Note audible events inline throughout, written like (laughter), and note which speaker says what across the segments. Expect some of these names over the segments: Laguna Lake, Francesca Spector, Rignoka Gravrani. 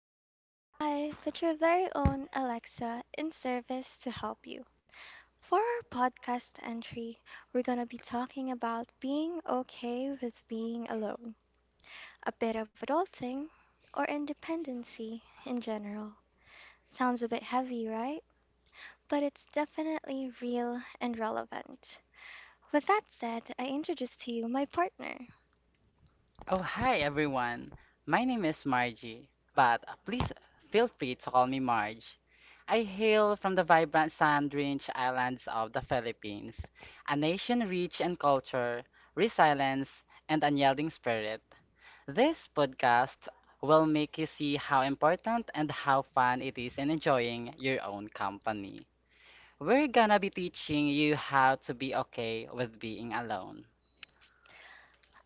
Speaker 1: not the AI, but your very own Alexa in service to help you. For our podcast entry, we're going to be talking about being okay with being alone, a bit of adulting, or independency in general. Sounds a bit heavy, right? But it's definitely real and relevant. With that said, I introduce to you my partner.
Speaker 2: Oh, hi everyone. My name is Margie, but please feel free to call me Marge. I hail from the vibrant sand-drenched islands of the Philippines, a nation rich in culture, resilience, and unyielding spirit. This podcast will make you see how important and how fun it is in enjoying your own company. We're gonna be teaching you how to be okay with being alone.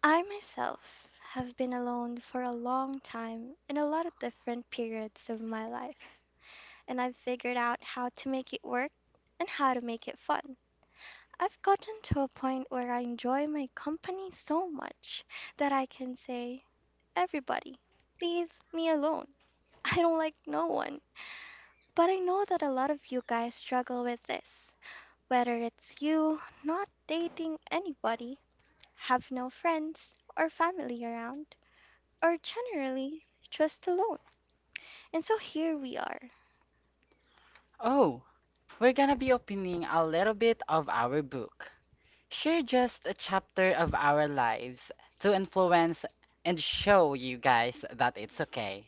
Speaker 1: I myself have been alone for a long time in a lot of different periods of my life, and I've figured out how to make it work and how to make it fun. I've gotten to a point where I enjoy my company so much that I can say, everybody, leave me alone. (laughs) I don't like no one. But I know that a lot of you guys struggle with this, whether it's you not dating anybody, have no friends or family around are generally just alone. And so here we are.
Speaker 2: Oh, we're gonna be opening a little bit of our book. Share just a chapter of our lives to influence and show you guys that it's okay.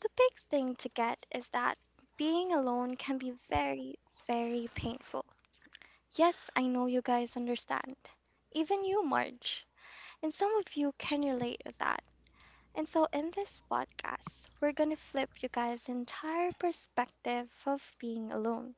Speaker 1: The big thing to get is that being alone can be very, very painful. Yes, I know you guys understand. Even you, Marge. And some of you can relate with that. And so in this podcast, we're going to flip you guys' entire perspective of being alone.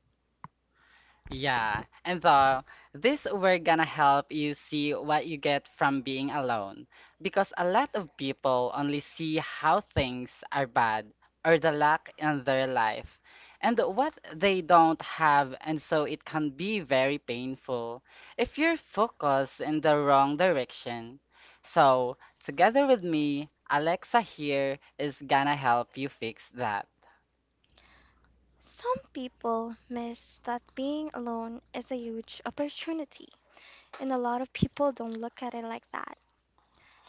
Speaker 2: Yeah, and so this we're gonna help you see what you get from being alone because a lot of people only see how things are bad or the lack in their life and what they don't have, and so it can be very painful if you're focused in the wrong direction. So, together with me, Alexa here is gonna help you fix that.
Speaker 1: Some people miss that being alone is a huge opportunity, and a lot of people don't look at it like that.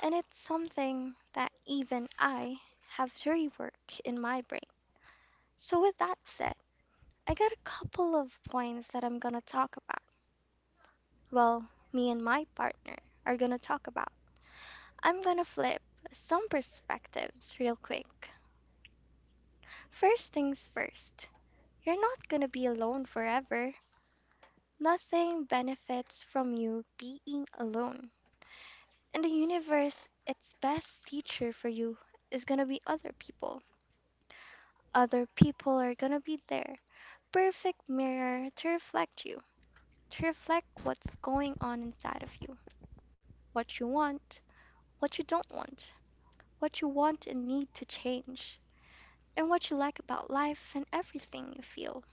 Speaker 1: And it's something that even I have to rework in my brain. So, with that said, I got a couple of points that I'm gonna talk about. Well, me and my partner are gonna talk about. I'm gonna flip some perspectives real quick. First things first, you're not gonna be alone forever. Nothing benefits from you being alone. In the universe, its best teacher for you is gonna be other people. Other people are gonna be there perfect mirror to reflect you, to reflect what's going on inside of you, what you want, what you don't want, what you want and need to change, and what you like about life and everything you feel.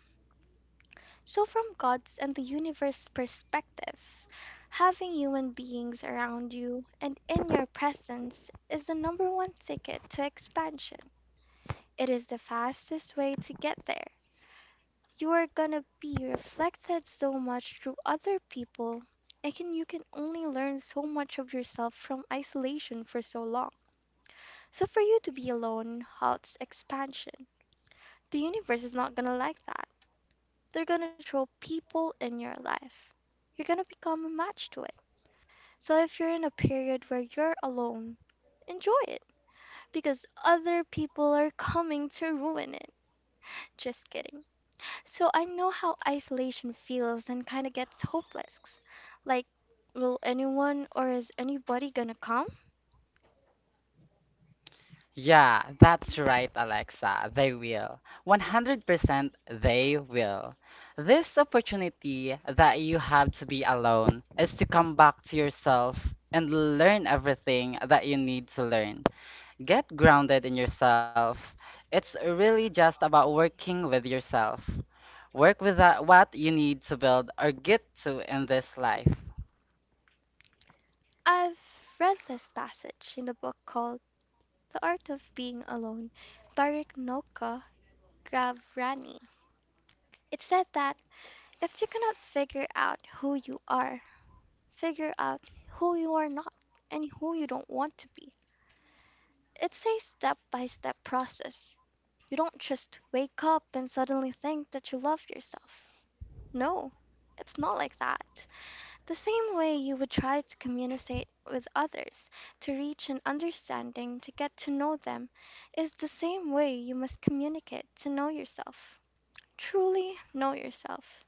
Speaker 1: So, from God's and the universe's perspective, having human beings around you and in your presence is the number one ticket to expansion. It is the fastest way to get there. You're gonna be reflected so much through other people. I can You can only learn so much of yourself from isolation for so long. So for you to be alone halts expansion. The universe is not gonna like that. They're gonna throw people in your life. You're gonna become a match to it. So if you're in a period where you're alone, enjoy it because other people are coming to ruin it. Just kidding. So I know how isolation feels and kind of gets hopeless. Like, will anyone or is anybody gonna come?
Speaker 2: Yeah, that's right, Alexa. They will. 100% they will. This opportunity that you have to be alone is to come back to yourself and learn everything that you need to learn. Get grounded in yourself. It's really just about working with yourself. Work with that, what you need to build or get to in this life.
Speaker 1: I've read this passage in a book called The Art of Being Alone by Rignoka Gravrani. It said that if you cannot figure out who you are, figure out who you are not and who you don't want to be. It's a step by step process. You don't just wake up and suddenly think that you love yourself. No, it's not like that. The same way you would try to communicate with others, to reach an understanding, to get to know them, is the same way you must communicate to know yourself. Truly know yourself.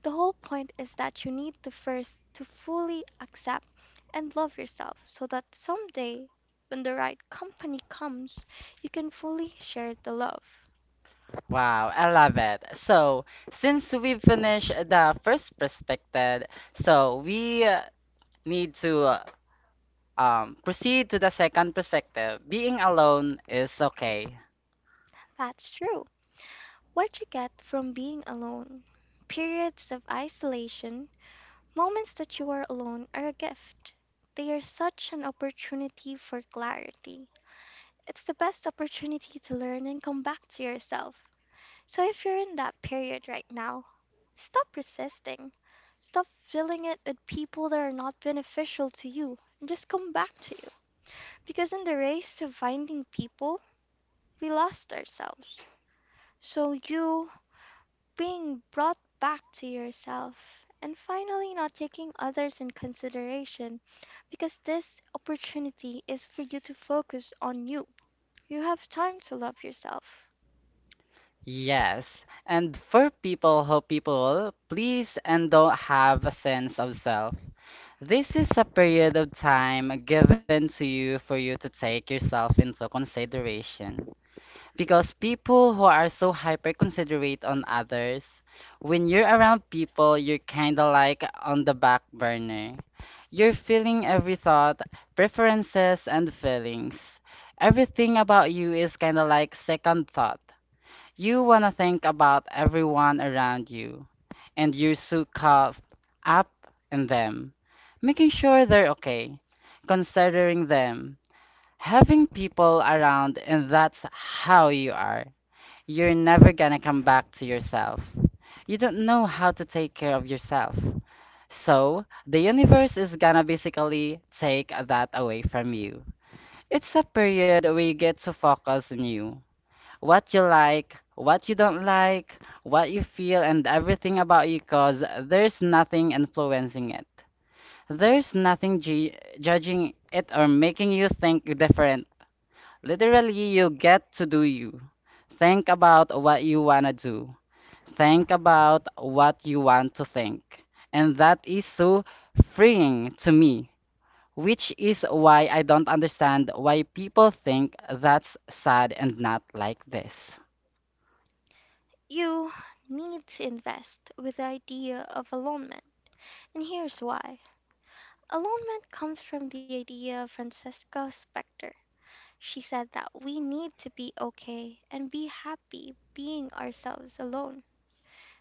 Speaker 1: The whole point is that you need to first to fully accept and love yourself so that someday when the right company comes, you can fully share the love.
Speaker 2: Wow, I love it. So, since we finished the first perspective, so we need to proceed to the second perspective. Being alone is okay.
Speaker 1: That's true. What you get from being alone. Periods of isolation, moments that you are alone, are a gift. They are such an opportunity for clarity. It's the best opportunity to learn and come back to yourself. So if you're in that period right now, stop resisting. Stop filling it with people that are not beneficial to you and just come back to you. Because in the race of finding people, we lost ourselves. So you being brought back to yourself, and finally not taking others in consideration because this opportunity is for you to focus on you. You have time to love yourself.
Speaker 2: Yes. And for people who people please and don't have a sense of self, this is a period of time given to you for you to take yourself into consideration. Because people who are so hyper considerate on others, when you're around people, you're kind of like on the back burner. You're feeling every thought, preferences, and feelings. Everything about you is kind of like second thought. You want to think about everyone around you, and you're so caught up in them, making sure they're okay, considering them. Having people around, and that's how you are. You're never gonna come back to yourself. You don't know how to take care of yourself. So, the universe is gonna basically take that away from you. It's a period where you get to focus on you. What you like, what you don't like, what you feel, and everything about you, cause there's nothing influencing it. There's nothing judging it or making you think different. Literally, you get to do you. Think about what you wanna do. Think about what you want to think. And that is so freeing to me, which is why I don't understand why people think that's sad and not like this.
Speaker 1: You need to invest with the idea of alonement, and here's why. Alonement comes from the idea of Francesca Spector. She said that we need to be okay and be happy being ourselves alone.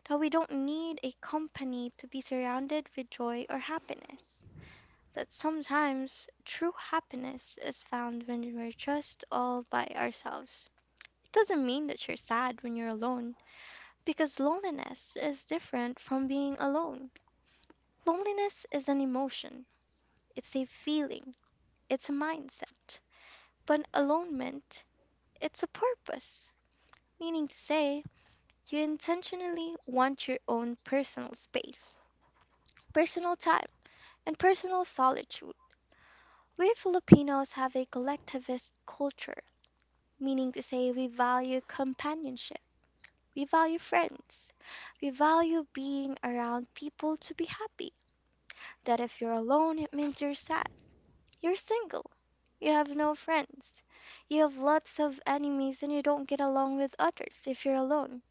Speaker 1: That we don't need a company to be surrounded with joy or happiness, that sometimes true happiness is found when we're just all by ourselves. It doesn't mean that you're sad when you're alone, because loneliness is different from being alone. Loneliness is an emotion, it's a feeling, it's a mindset. But alonement, it's a purpose, meaning to say, you intentionally want your own personal space, personal time and personal solitude. We Filipinos have a collectivist culture, meaning to say we value companionship, we value friends, we value being around people to be happy. That if you're alone, it means you're sad, you're single, you have no friends, you have lots of enemies, and you don't get along with others if you're alone.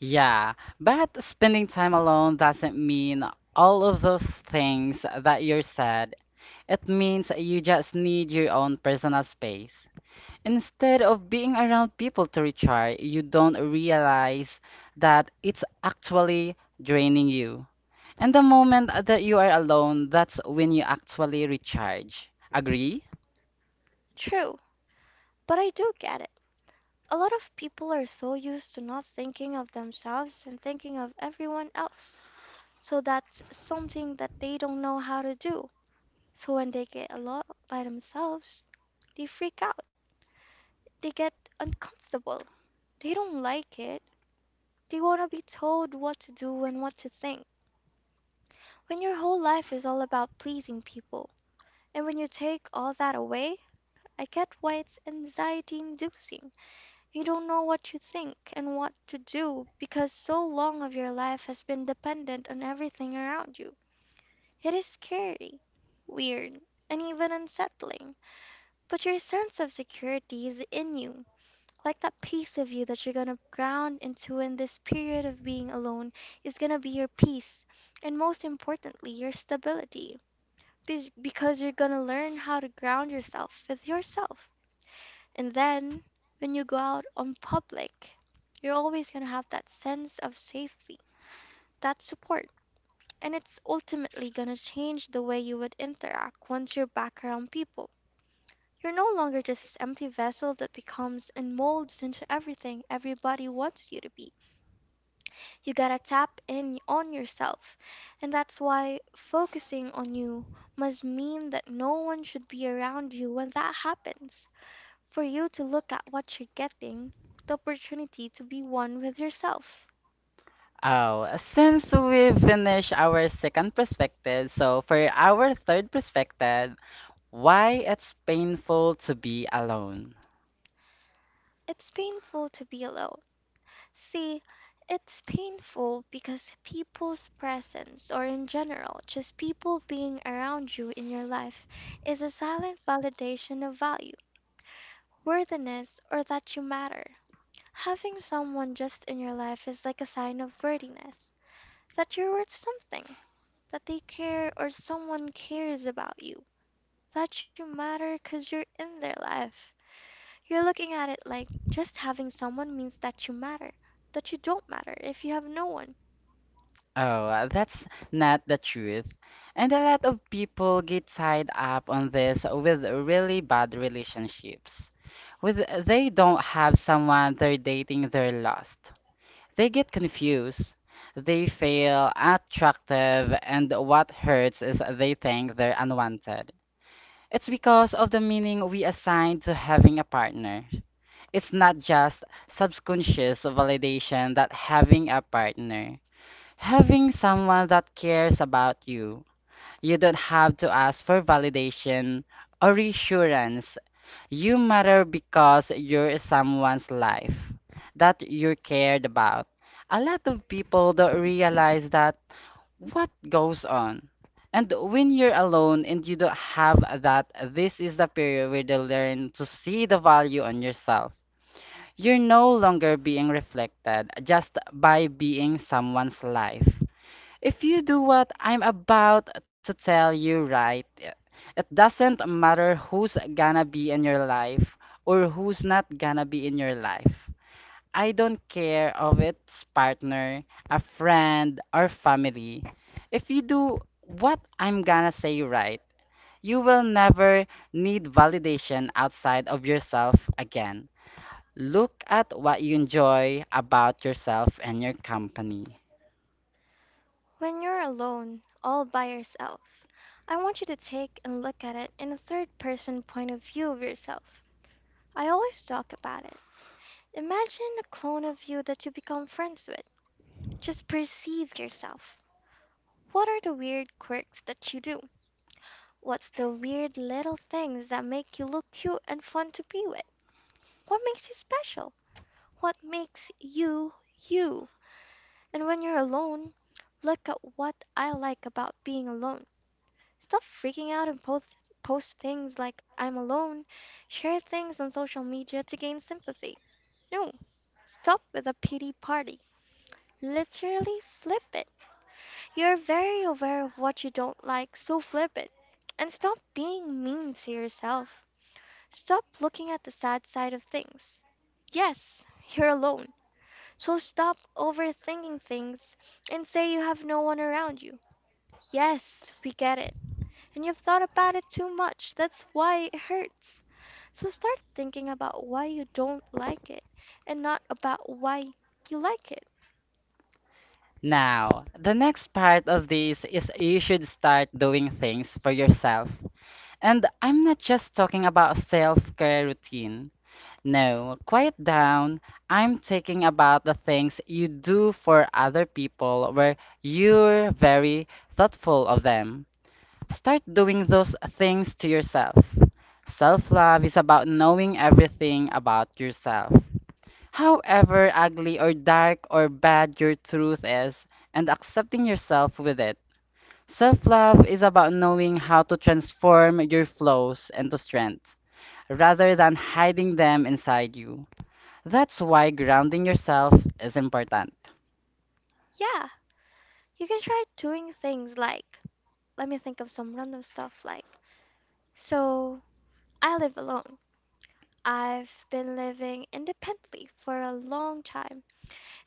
Speaker 2: Yeah, but spending time alone doesn't mean all of those things that you're sad. It means you just need your own personal space. Instead of being around people to recharge, you don't realize that it's actually draining you. And the moment that you are alone, that's when you actually recharge. Agree?
Speaker 1: True, but I do get it. A lot of people are so used to not thinking of themselves and thinking of everyone else. So that's something that they don't know how to do. So when they get alone by themselves, they freak out. They get uncomfortable. They don't like it. They want to be told what to do and what to think. When your whole life is all about pleasing people, and when you take all that away, I get why it's anxiety inducing. You don't know what you think and what to do because so long of your life has been dependent on everything around you. It is scary, weird, and even unsettling, but your sense of security is in you. Like that piece of you that you're gonna ground into in this period of being alone is gonna be your peace, and most importantly, your stability. Be Because you're gonna learn how to ground yourself with yourself. And then, when you go out on public, you're always gonna have that sense of safety, that support. And it's ultimately gonna change the way you would interact once you're back around people. You're no longer just this empty vessel that becomes and molds into everything everybody wants you to be. You gotta tap in on yourself. And that's why focusing on you must mean that no one should be around you when that happens. For you to look at what you're getting, the opportunity to be one with yourself.
Speaker 2: Oh, since we finished our second perspective, so for our third perspective, why it's painful to be alone.
Speaker 1: It's painful to be alone. See, it's painful because people's presence, or in general, just people being around you in your life, is a silent validation of value, worthiness, or that you matter. Having someone just in your life is like a sign of worthiness, that you're worth something, that they care or someone cares about you, that you matter because you're in their life. You're looking at it like just having someone means that you matter, that you don't matter if you have no one.
Speaker 2: Oh, that's not the truth. And a lot of people get tied up on this with really bad relationships. With they don't have someone they're dating, they're lost. They get confused, they feel attractive, and what hurts is they think they're unwanted. It's because of the meaning we assign to having a partner. It's not just subconscious validation that having a partner, having someone that cares about you, you don't have to ask for validation or reassurance you matter because you're someone's life that you're cared about. A lot of people don't realize that what goes on. And when you're alone and you don't have that, this is the period where you learn to see the value on yourself. You're no longer being reflected just by being someone's life. If you do what I'm about to tell you right, it doesn't matter who's gonna be in your life or who's not gonna be in your life. I don't care of its partner, a friend, or family. If you do what I'm gonna say right, you will never need validation outside of yourself again. Look at what you enjoy about yourself and your company.
Speaker 1: When you're alone, all by yourself, I want you to take and look at it in a third person point of view of yourself. I always talk about it. Imagine a clone of you that you become friends with. Just perceive yourself. What are the weird quirks that you do? What's the weird little things that make you look cute and fun to be with? What makes you special? What makes you, you? And when you're alone, look at what I like about being alone. Stop freaking out and post things like I'm alone, share things on social media to gain sympathy. No, stop with the pity party. Literally flip it. You're very aware of what you don't like, so flip it. And stop being mean to yourself. Stop looking at the sad side of things. Yes, you're alone. So stop overthinking things and say you have no one around you. Yes, we get it. And you've thought about it too much. That's why it hurts. So start thinking about why you don't like it and not about why you like it.
Speaker 2: Now, the next part of this is you should start doing things for yourself. And I'm not just talking about self-care routine. No, quiet down. I'm talking about the things you do for other people where you're very thoughtful of them. Start doing those things to yourself. Self love is about knowing everything about yourself. However ugly or dark or bad your truth is, and accepting yourself with it. Self love is about knowing how to transform your flaws into strength rather than hiding them inside you. That's why grounding yourself is important.
Speaker 1: Yeah, you can try doing things like, let me think of some random stuff like, so I live alone. I've been living independently for a long time,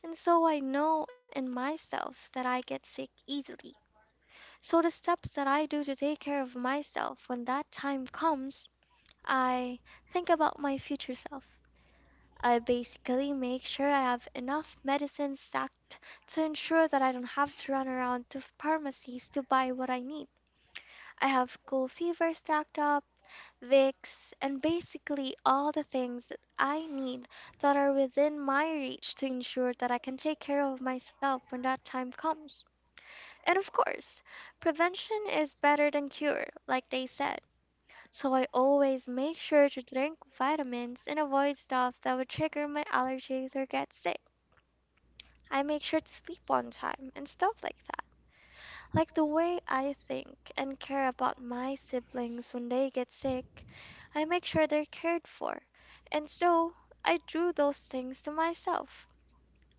Speaker 1: and so I know in myself that I get sick easily. So the steps that I do to take care of myself when that time comes I think about my future self. I basically make sure I have enough medicine stacked to ensure that I don't have to run around to pharmacies to buy what I need. I have cool fever stacked up, Vicks, and basically all the things that I need that are within my reach to ensure that I can take care of myself when that time comes. And of course, prevention is better than cure, like they said. So I always make sure to drink vitamins and avoid stuff that would trigger my allergies or get sick. I make sure to sleep on time and stuff like that. Like the way I think and care about my siblings when they get sick, I make sure they're cared for. And so I drew those things to myself.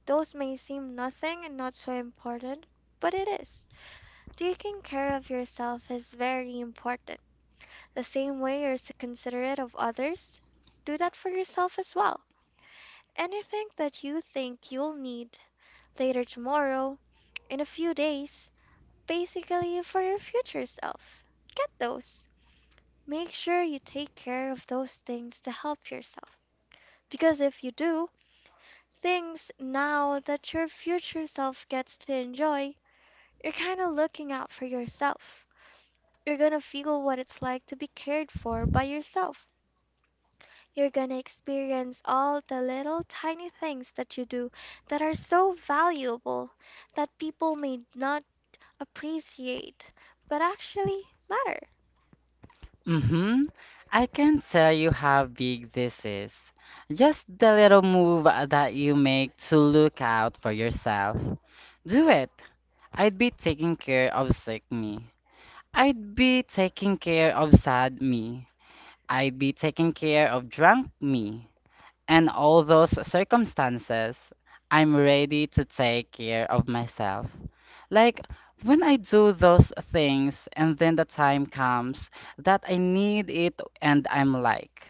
Speaker 1: Those may seem nothing and not so important, but it is. Taking care of yourself is very important. The same way you're so considerate of others, do that for yourself as well. Anything that you think you'll need later tomorrow, in a few days, basically for your future self, get those. Make sure you take care of those things to help yourself, because if you do, things now that your future self gets to enjoy, you're kind of looking out for yourself. You're gonna feel what it's like to be cared for by yourself. You're gonna experience all the little tiny things that you do that are so valuable that people may not appreciate, but actually matter.
Speaker 2: Mm-hmm. I can't tell you how big this is. Just the little move that you make to look out for yourself. Do it. I'd be taking care of sick me. I'd be taking care of sad me. I'd be taking care of drunk me. And all those circumstances, I'm ready to take care of myself. Like when I do those things and then the time comes that I need it and I'm like,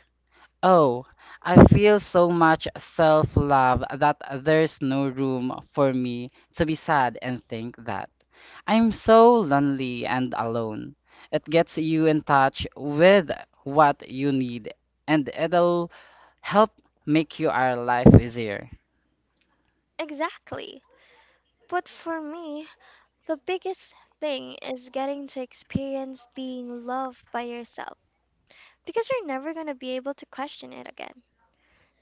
Speaker 2: oh, I feel so much self-love that there's no room for me to be sad and think that I'm so lonely and alone. It gets you in touch with what you need and it'll help make your life easier.
Speaker 1: Exactly. But for me, the biggest thing is getting to experience being loved by yourself because you're never gonna be able to question it again.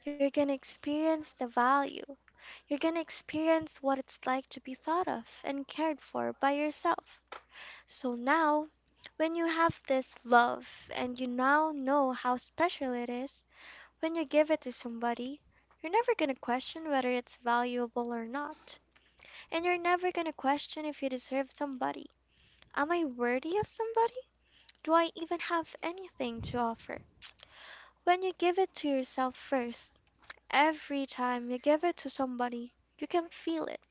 Speaker 1: You're gonna experience the value. You're gonna experience what it's like to be thought of and cared for by yourself. So now, when you have this love and you now know how special it is, when you give it to somebody, you're never going to question whether it's valuable or not. And you're never going to question if you deserve somebody. Am I worthy of somebody? Do I even have anything to offer? When you give it to yourself first, every time you give it to somebody, you can feel it,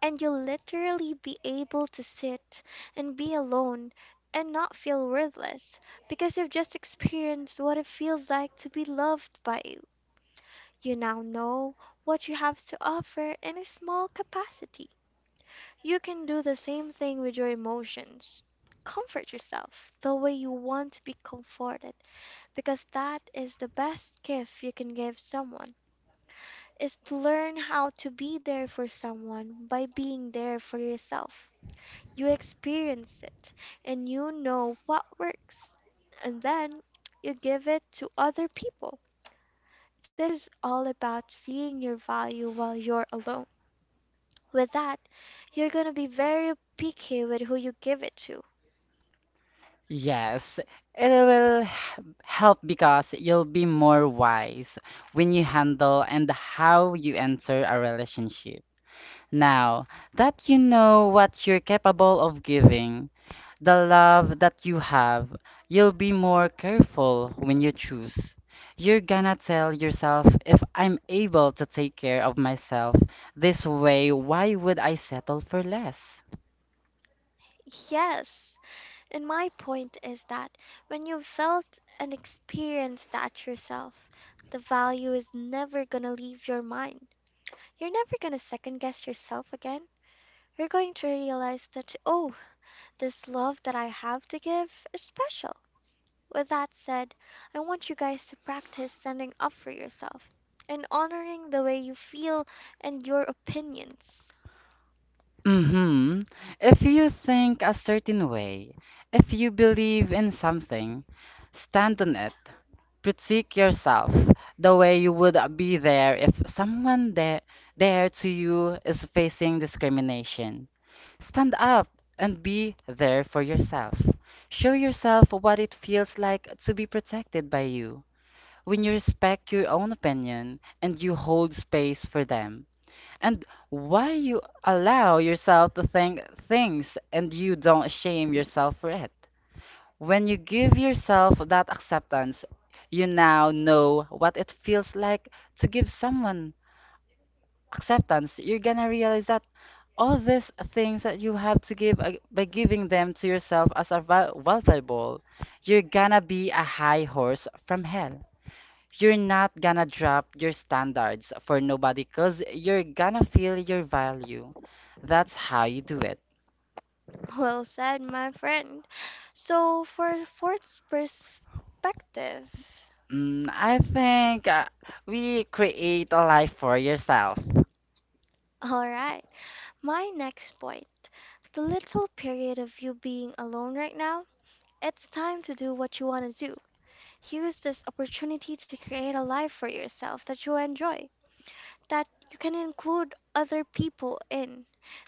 Speaker 1: and you'll literally be able to sit and be alone and not feel worthless because you've just experienced what it feels like to be loved by you. You now know what you have to offer in a small capacity. You can do the same thing with your emotions. Comfort yourself the way you want to be comforted, because that is the best gift you can give someone is to learn how to be there for someone by being there for yourself. You experience it and you know what works, and then you give it to other people. This is all about seeing your value while you're alone. With that, you're going to be very picky with who you give it to.
Speaker 2: Yes, it will help because you'll be more wise when you handle and how you enter a relationship. Now that you know what you're capable of giving, the love that you have, you'll be more careful when you choose. You're gonna tell yourself, if I'm able to take care of myself this way, why would I settle for less?
Speaker 1: Yes, and my point is that when you felt and experienced that yourself, the value is never going to leave your mind. You're never going to second guess yourself again. You're going to realize that, oh, this love that I have to give is special. With that said, I want you guys to practice standing up for yourself and honoring the way you feel and your opinions. (laughs)
Speaker 2: Mm-hmm. If you think a certain way, if you believe in something, stand on it. Critique yourself the way you would be there if someone there to you is facing discrimination. Stand up and be there for yourself. Show yourself what it feels like to be protected by you. When you respect your own opinion and you hold space for them, and why you allow yourself to think things and you don't shame yourself for it. When you give yourself that acceptance, you now know what it feels like to give someone acceptance. You're gonna realize that all these things that you have to give by giving them to yourself as a valuable, you're gonna be a high horse from hell. You're not gonna drop your standards for nobody because you're gonna feel your value. That's how you do it.
Speaker 1: Well said, my friend. So, for fourth perspective,
Speaker 2: Mm, I think we create a life for yourself.
Speaker 1: (laughs) all right, my next point, the little period of you being alone right now, it's time to do what you want to do. Use this opportunity to create a life for yourself that you enjoy, that you can include other people in,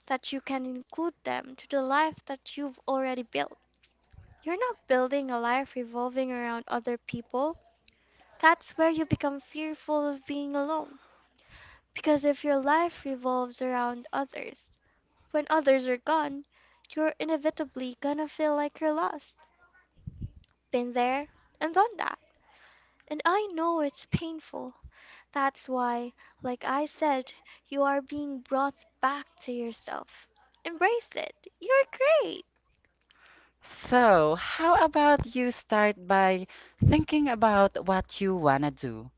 Speaker 1: that you can include them to the life that you've already built. You're not building a life revolving around other people. That's where you become fearful of being alone. Because if your life revolves around others, when others are gone, you're inevitably gonna feel like you're lost. Been there and done that. And I know it's painful. That's why, like I said, you are being brought back to yourself. Embrace it. You're great.
Speaker 2: So, how about you start by thinking about what you wanna do?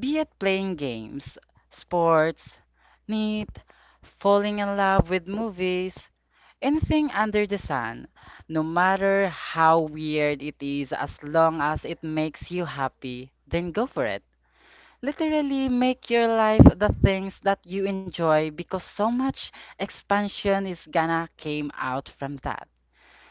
Speaker 2: Be it playing games, sports, knit, falling in love with movies, anything under the sun. No matter how weird it is, as long as it makes you happy, then go for it. Literally make your life the things that you enjoy because so much expansion is gonna came out from that.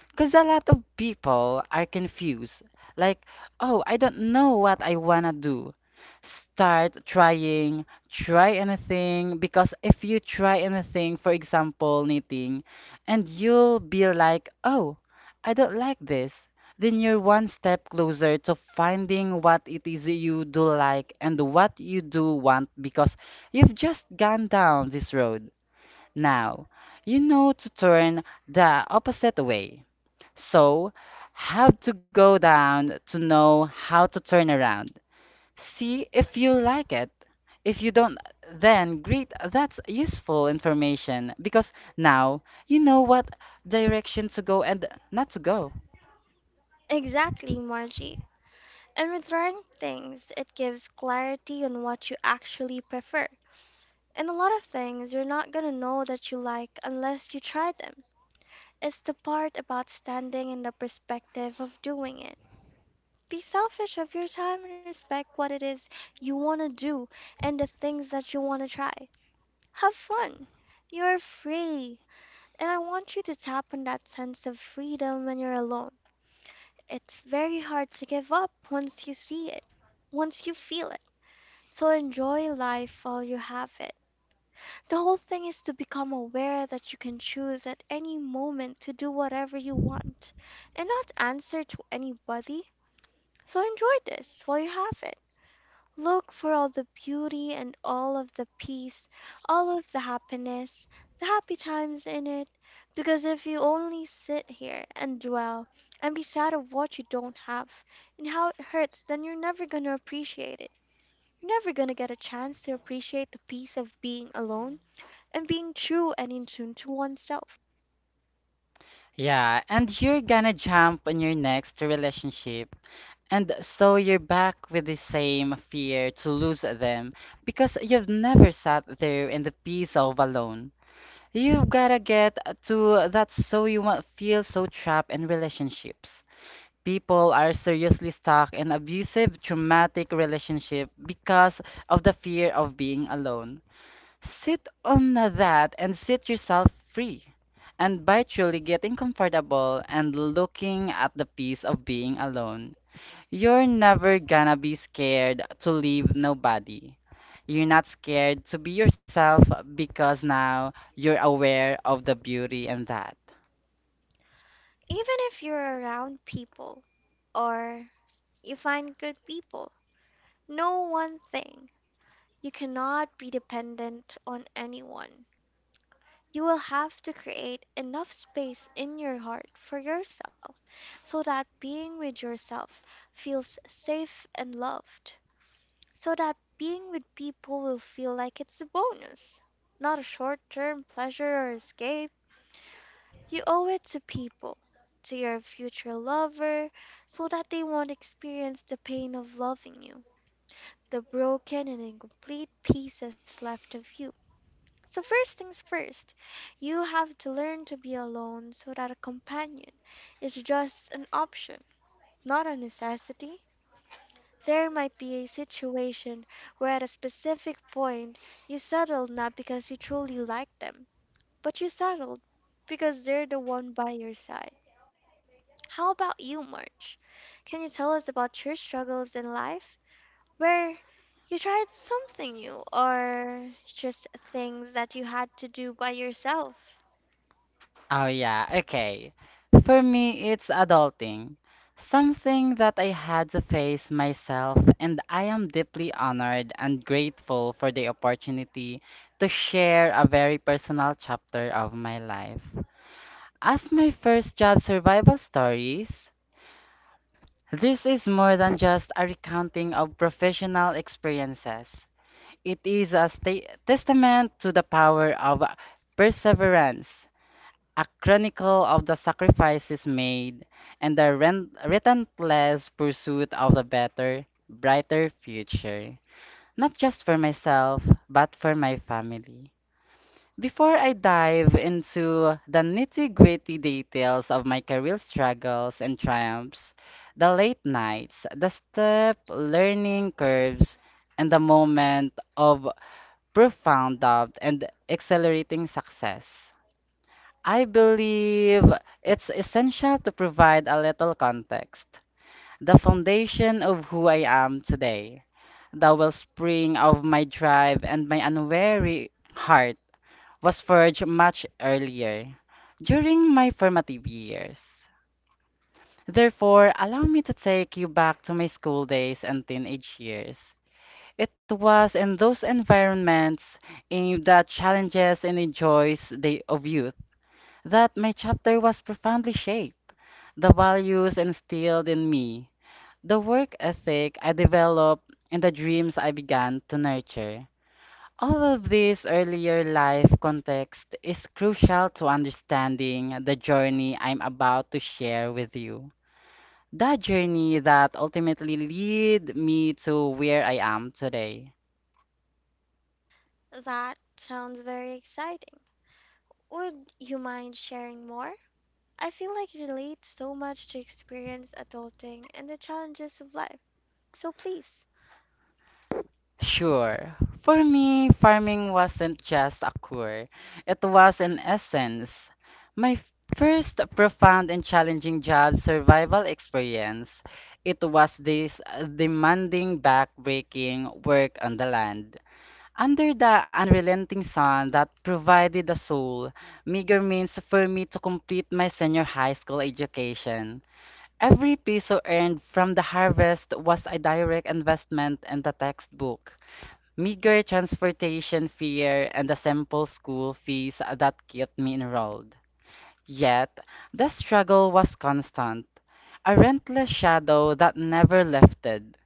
Speaker 2: Because a lot of people are confused. Like, oh, I don't know what I want to do. Start trying, try anything. Because if you try anything, for example, knitting, and you'll be like, oh, I don't like this, then you're one step closer to finding what it is you do like and what you do want because you've just gone down this road. Now, you know to turn the opposite way. So, have to go down to know how to turn around. See if you like it. If you don't, then great, that's useful information because now you know what direction to go and not to go.
Speaker 1: Exactly, Margie. And with rank things, it gives clarity on what you actually prefer. And a lot of things you're not gonna know that you like unless you try them. It's the part about standing in the perspective of doing it. Be selfish of your time and respect what it is you wanna do and the things that you wanna try. Have fun. You're free. And I want you to tap on that sense of freedom when you're alone. It's very hard to give up once you see it, once you feel it. So enjoy life while you have it. The whole thing is to become aware that you can choose at any moment to do whatever you want and not answer to anybody. So enjoy this while you have it. Look for all the beauty and all of the peace, all of the happiness, the happy times in it. Because if you only sit here and dwell and be sad of what you don't have and how it hurts, then you're never going to appreciate it. You're never going to get a chance to appreciate the peace of being alone and being true and in tune to oneself.
Speaker 2: Yeah, and you're gonna jump on your next relationship. And so you're back with the same fear to lose them because you've never sat there in the peace of alone. You've gotta get to that so you won't feel so trapped in relationships. People are seriously stuck in abusive, traumatic relationship because of the fear of being alone. Sit on that and set yourself free. And by truly getting comfortable and looking at the peace of being alone, you're never gonna be scared to leave nobody. You're not scared to be yourself because now you're aware of the beauty in that.
Speaker 1: Even if you're around people or you find good people, know one thing. You cannot be dependent on anyone. You will have to create enough space in your heart for yourself so that being with yourself feels safe and loved, so that being with people will feel like it's a bonus, not a short term pleasure or escape. You owe it to people, to your future lover, so that they won't experience the pain of loving you, the broken and incomplete pieces left of you. So, first things first, you have to learn to be alone so that a companion is just an option, not a necessity. There might be a situation where at a specific point you settled not because you truly like them, but you settled because they're the one by your side. How about you, March? Can you tell us about your struggles in life where you tried something new or just things that you had to do by yourself?
Speaker 2: Oh, yeah, okay. For me, it's adulting. Something that I had to face myself, and I am deeply honored and grateful for the opportunity to share a very personal chapter of my life. As my first job survival stories, this is more than just a recounting of professional experiences. It is a testament to the power of perseverance, a chronicle of the sacrifices made, and the relentless pursuit of the better, brighter future, not just for myself, but for my family. Before I dive into the nitty-gritty details of my career struggles and triumphs, the late nights, the step learning curves, and the moment of profound doubt and accelerating success, I believe it's essential to provide a little context, the foundation of who I am today. The wellspring of my drive and my unwavering heart was forged much earlier, during my formative years. Therefore, allow me to take you back to my school days and teenage years. It was in those environments, in the challenges and the joys of youth, that my chapter was profoundly shaped. The values instilled in me, the work ethic I developed, and the dreams I began to nurture. All of this earlier life context is crucial to understanding the journey I'm about to share with you. That journey that ultimately lead me to where I am today.
Speaker 1: That sounds very exciting. Would you mind sharing more? I feel like you relate so much to experience adulting and the challenges of life. So please,
Speaker 2: Sure, for me, farming wasn't just a chore. It was an essence. My f- first profound and challenging job survival experience. It was this demanding, back-breaking work on the land under the unrelenting sun that provided a sole, meager means for me to complete my senior high school education. Every peso earned from the harvest was a direct investment in the textbook, meager transportation fare, and the simple school fees that kept me enrolled. Yet, the struggle was constant, a relentless shadow that never lifted.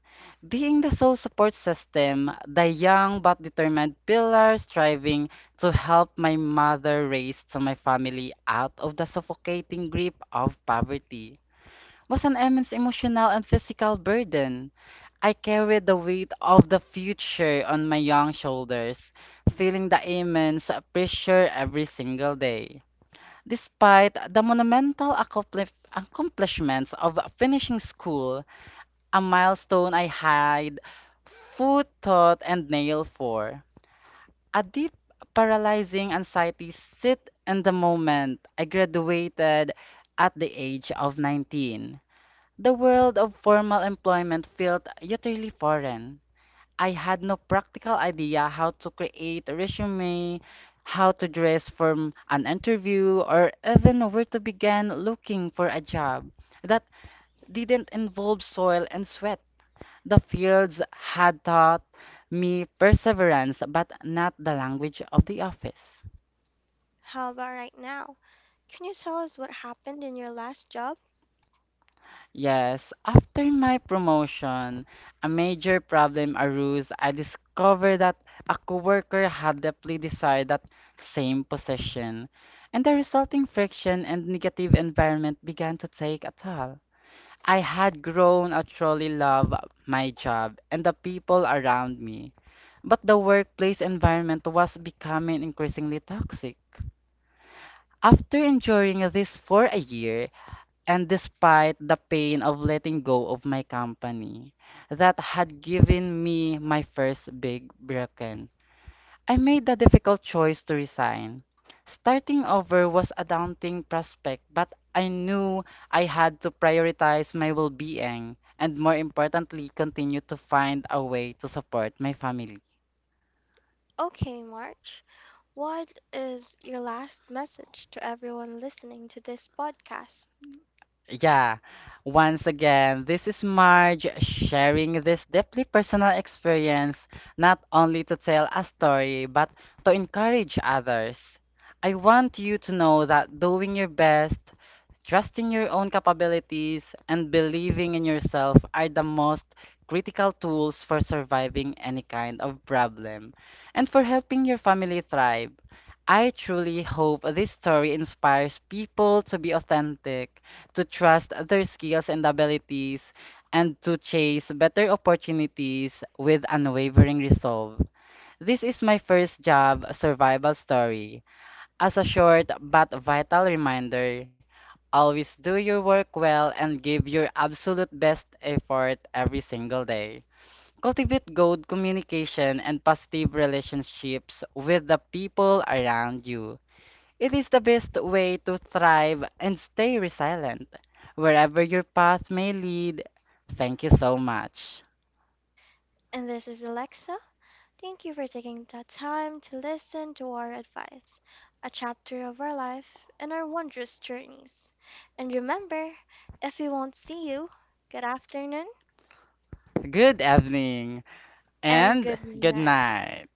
Speaker 2: Being the sole support system, the young but determined pillar striving to help my mother raise to my family out of the suffocating grip of poverty, was an immense emotional and physical burden. I carried the weight of the future on my young shoulders, feeling the immense pressure every single day. Despite the monumental accomplishments of finishing school, a milestone I hide foot, thought, and nail for. A deep, paralyzing anxiety sit in the moment I graduated at the age of 19. The world of formal employment felt utterly foreign. I had no practical idea how to create a resume, how to dress for an interview, or even where to begin looking for a job that didn't involve soil and sweat. The fields had taught me perseverance, but not the language of the office.
Speaker 1: how about right now? Can you tell us what happened in your last job?
Speaker 2: Yes, after my promotion, a major problem arose. I discovered that a coworker had deeply desired that same position, and the resulting friction and negative environment began to take a toll. I had grown to truly love my job and the people around me, but the workplace environment was becoming increasingly toxic. After enduring this for a year, and despite the pain of letting go of my company that had given me my first big broken, I made the difficult choice to resign. Starting over was a daunting prospect, but I knew I had to prioritize my well being and, more importantly, continue to find a way to support my family.
Speaker 1: Okay, March. What is your last message to everyone listening to this podcast?
Speaker 2: Yeah, once again, this is Marge sharing this deeply personal experience, not only to tell a story, but to encourage others. I want you to know that doing your best, trusting your own capabilities, and believing in yourself are the most critical tools for surviving any kind of problem and for helping your family thrive. I truly hope this story inspires people to be authentic, to trust their skills and abilities, and to chase better opportunities with unwavering resolve. This is my first job survival story. As a short but vital reminder, always do your work well and give your absolute best effort every single day. Cultivate good communication and positive relationships with the people around you. It is the best way to thrive and stay resilient wherever your path may lead. Thank you so much.
Speaker 1: And this is Alexa, thank you for taking the time to listen to our advice, a chapter of our life and our wondrous journeys. And remember, if we won't see you, good afternoon
Speaker 2: Good evening
Speaker 1: and
Speaker 2: and
Speaker 1: good
Speaker 2: good
Speaker 1: night.
Speaker 2: night.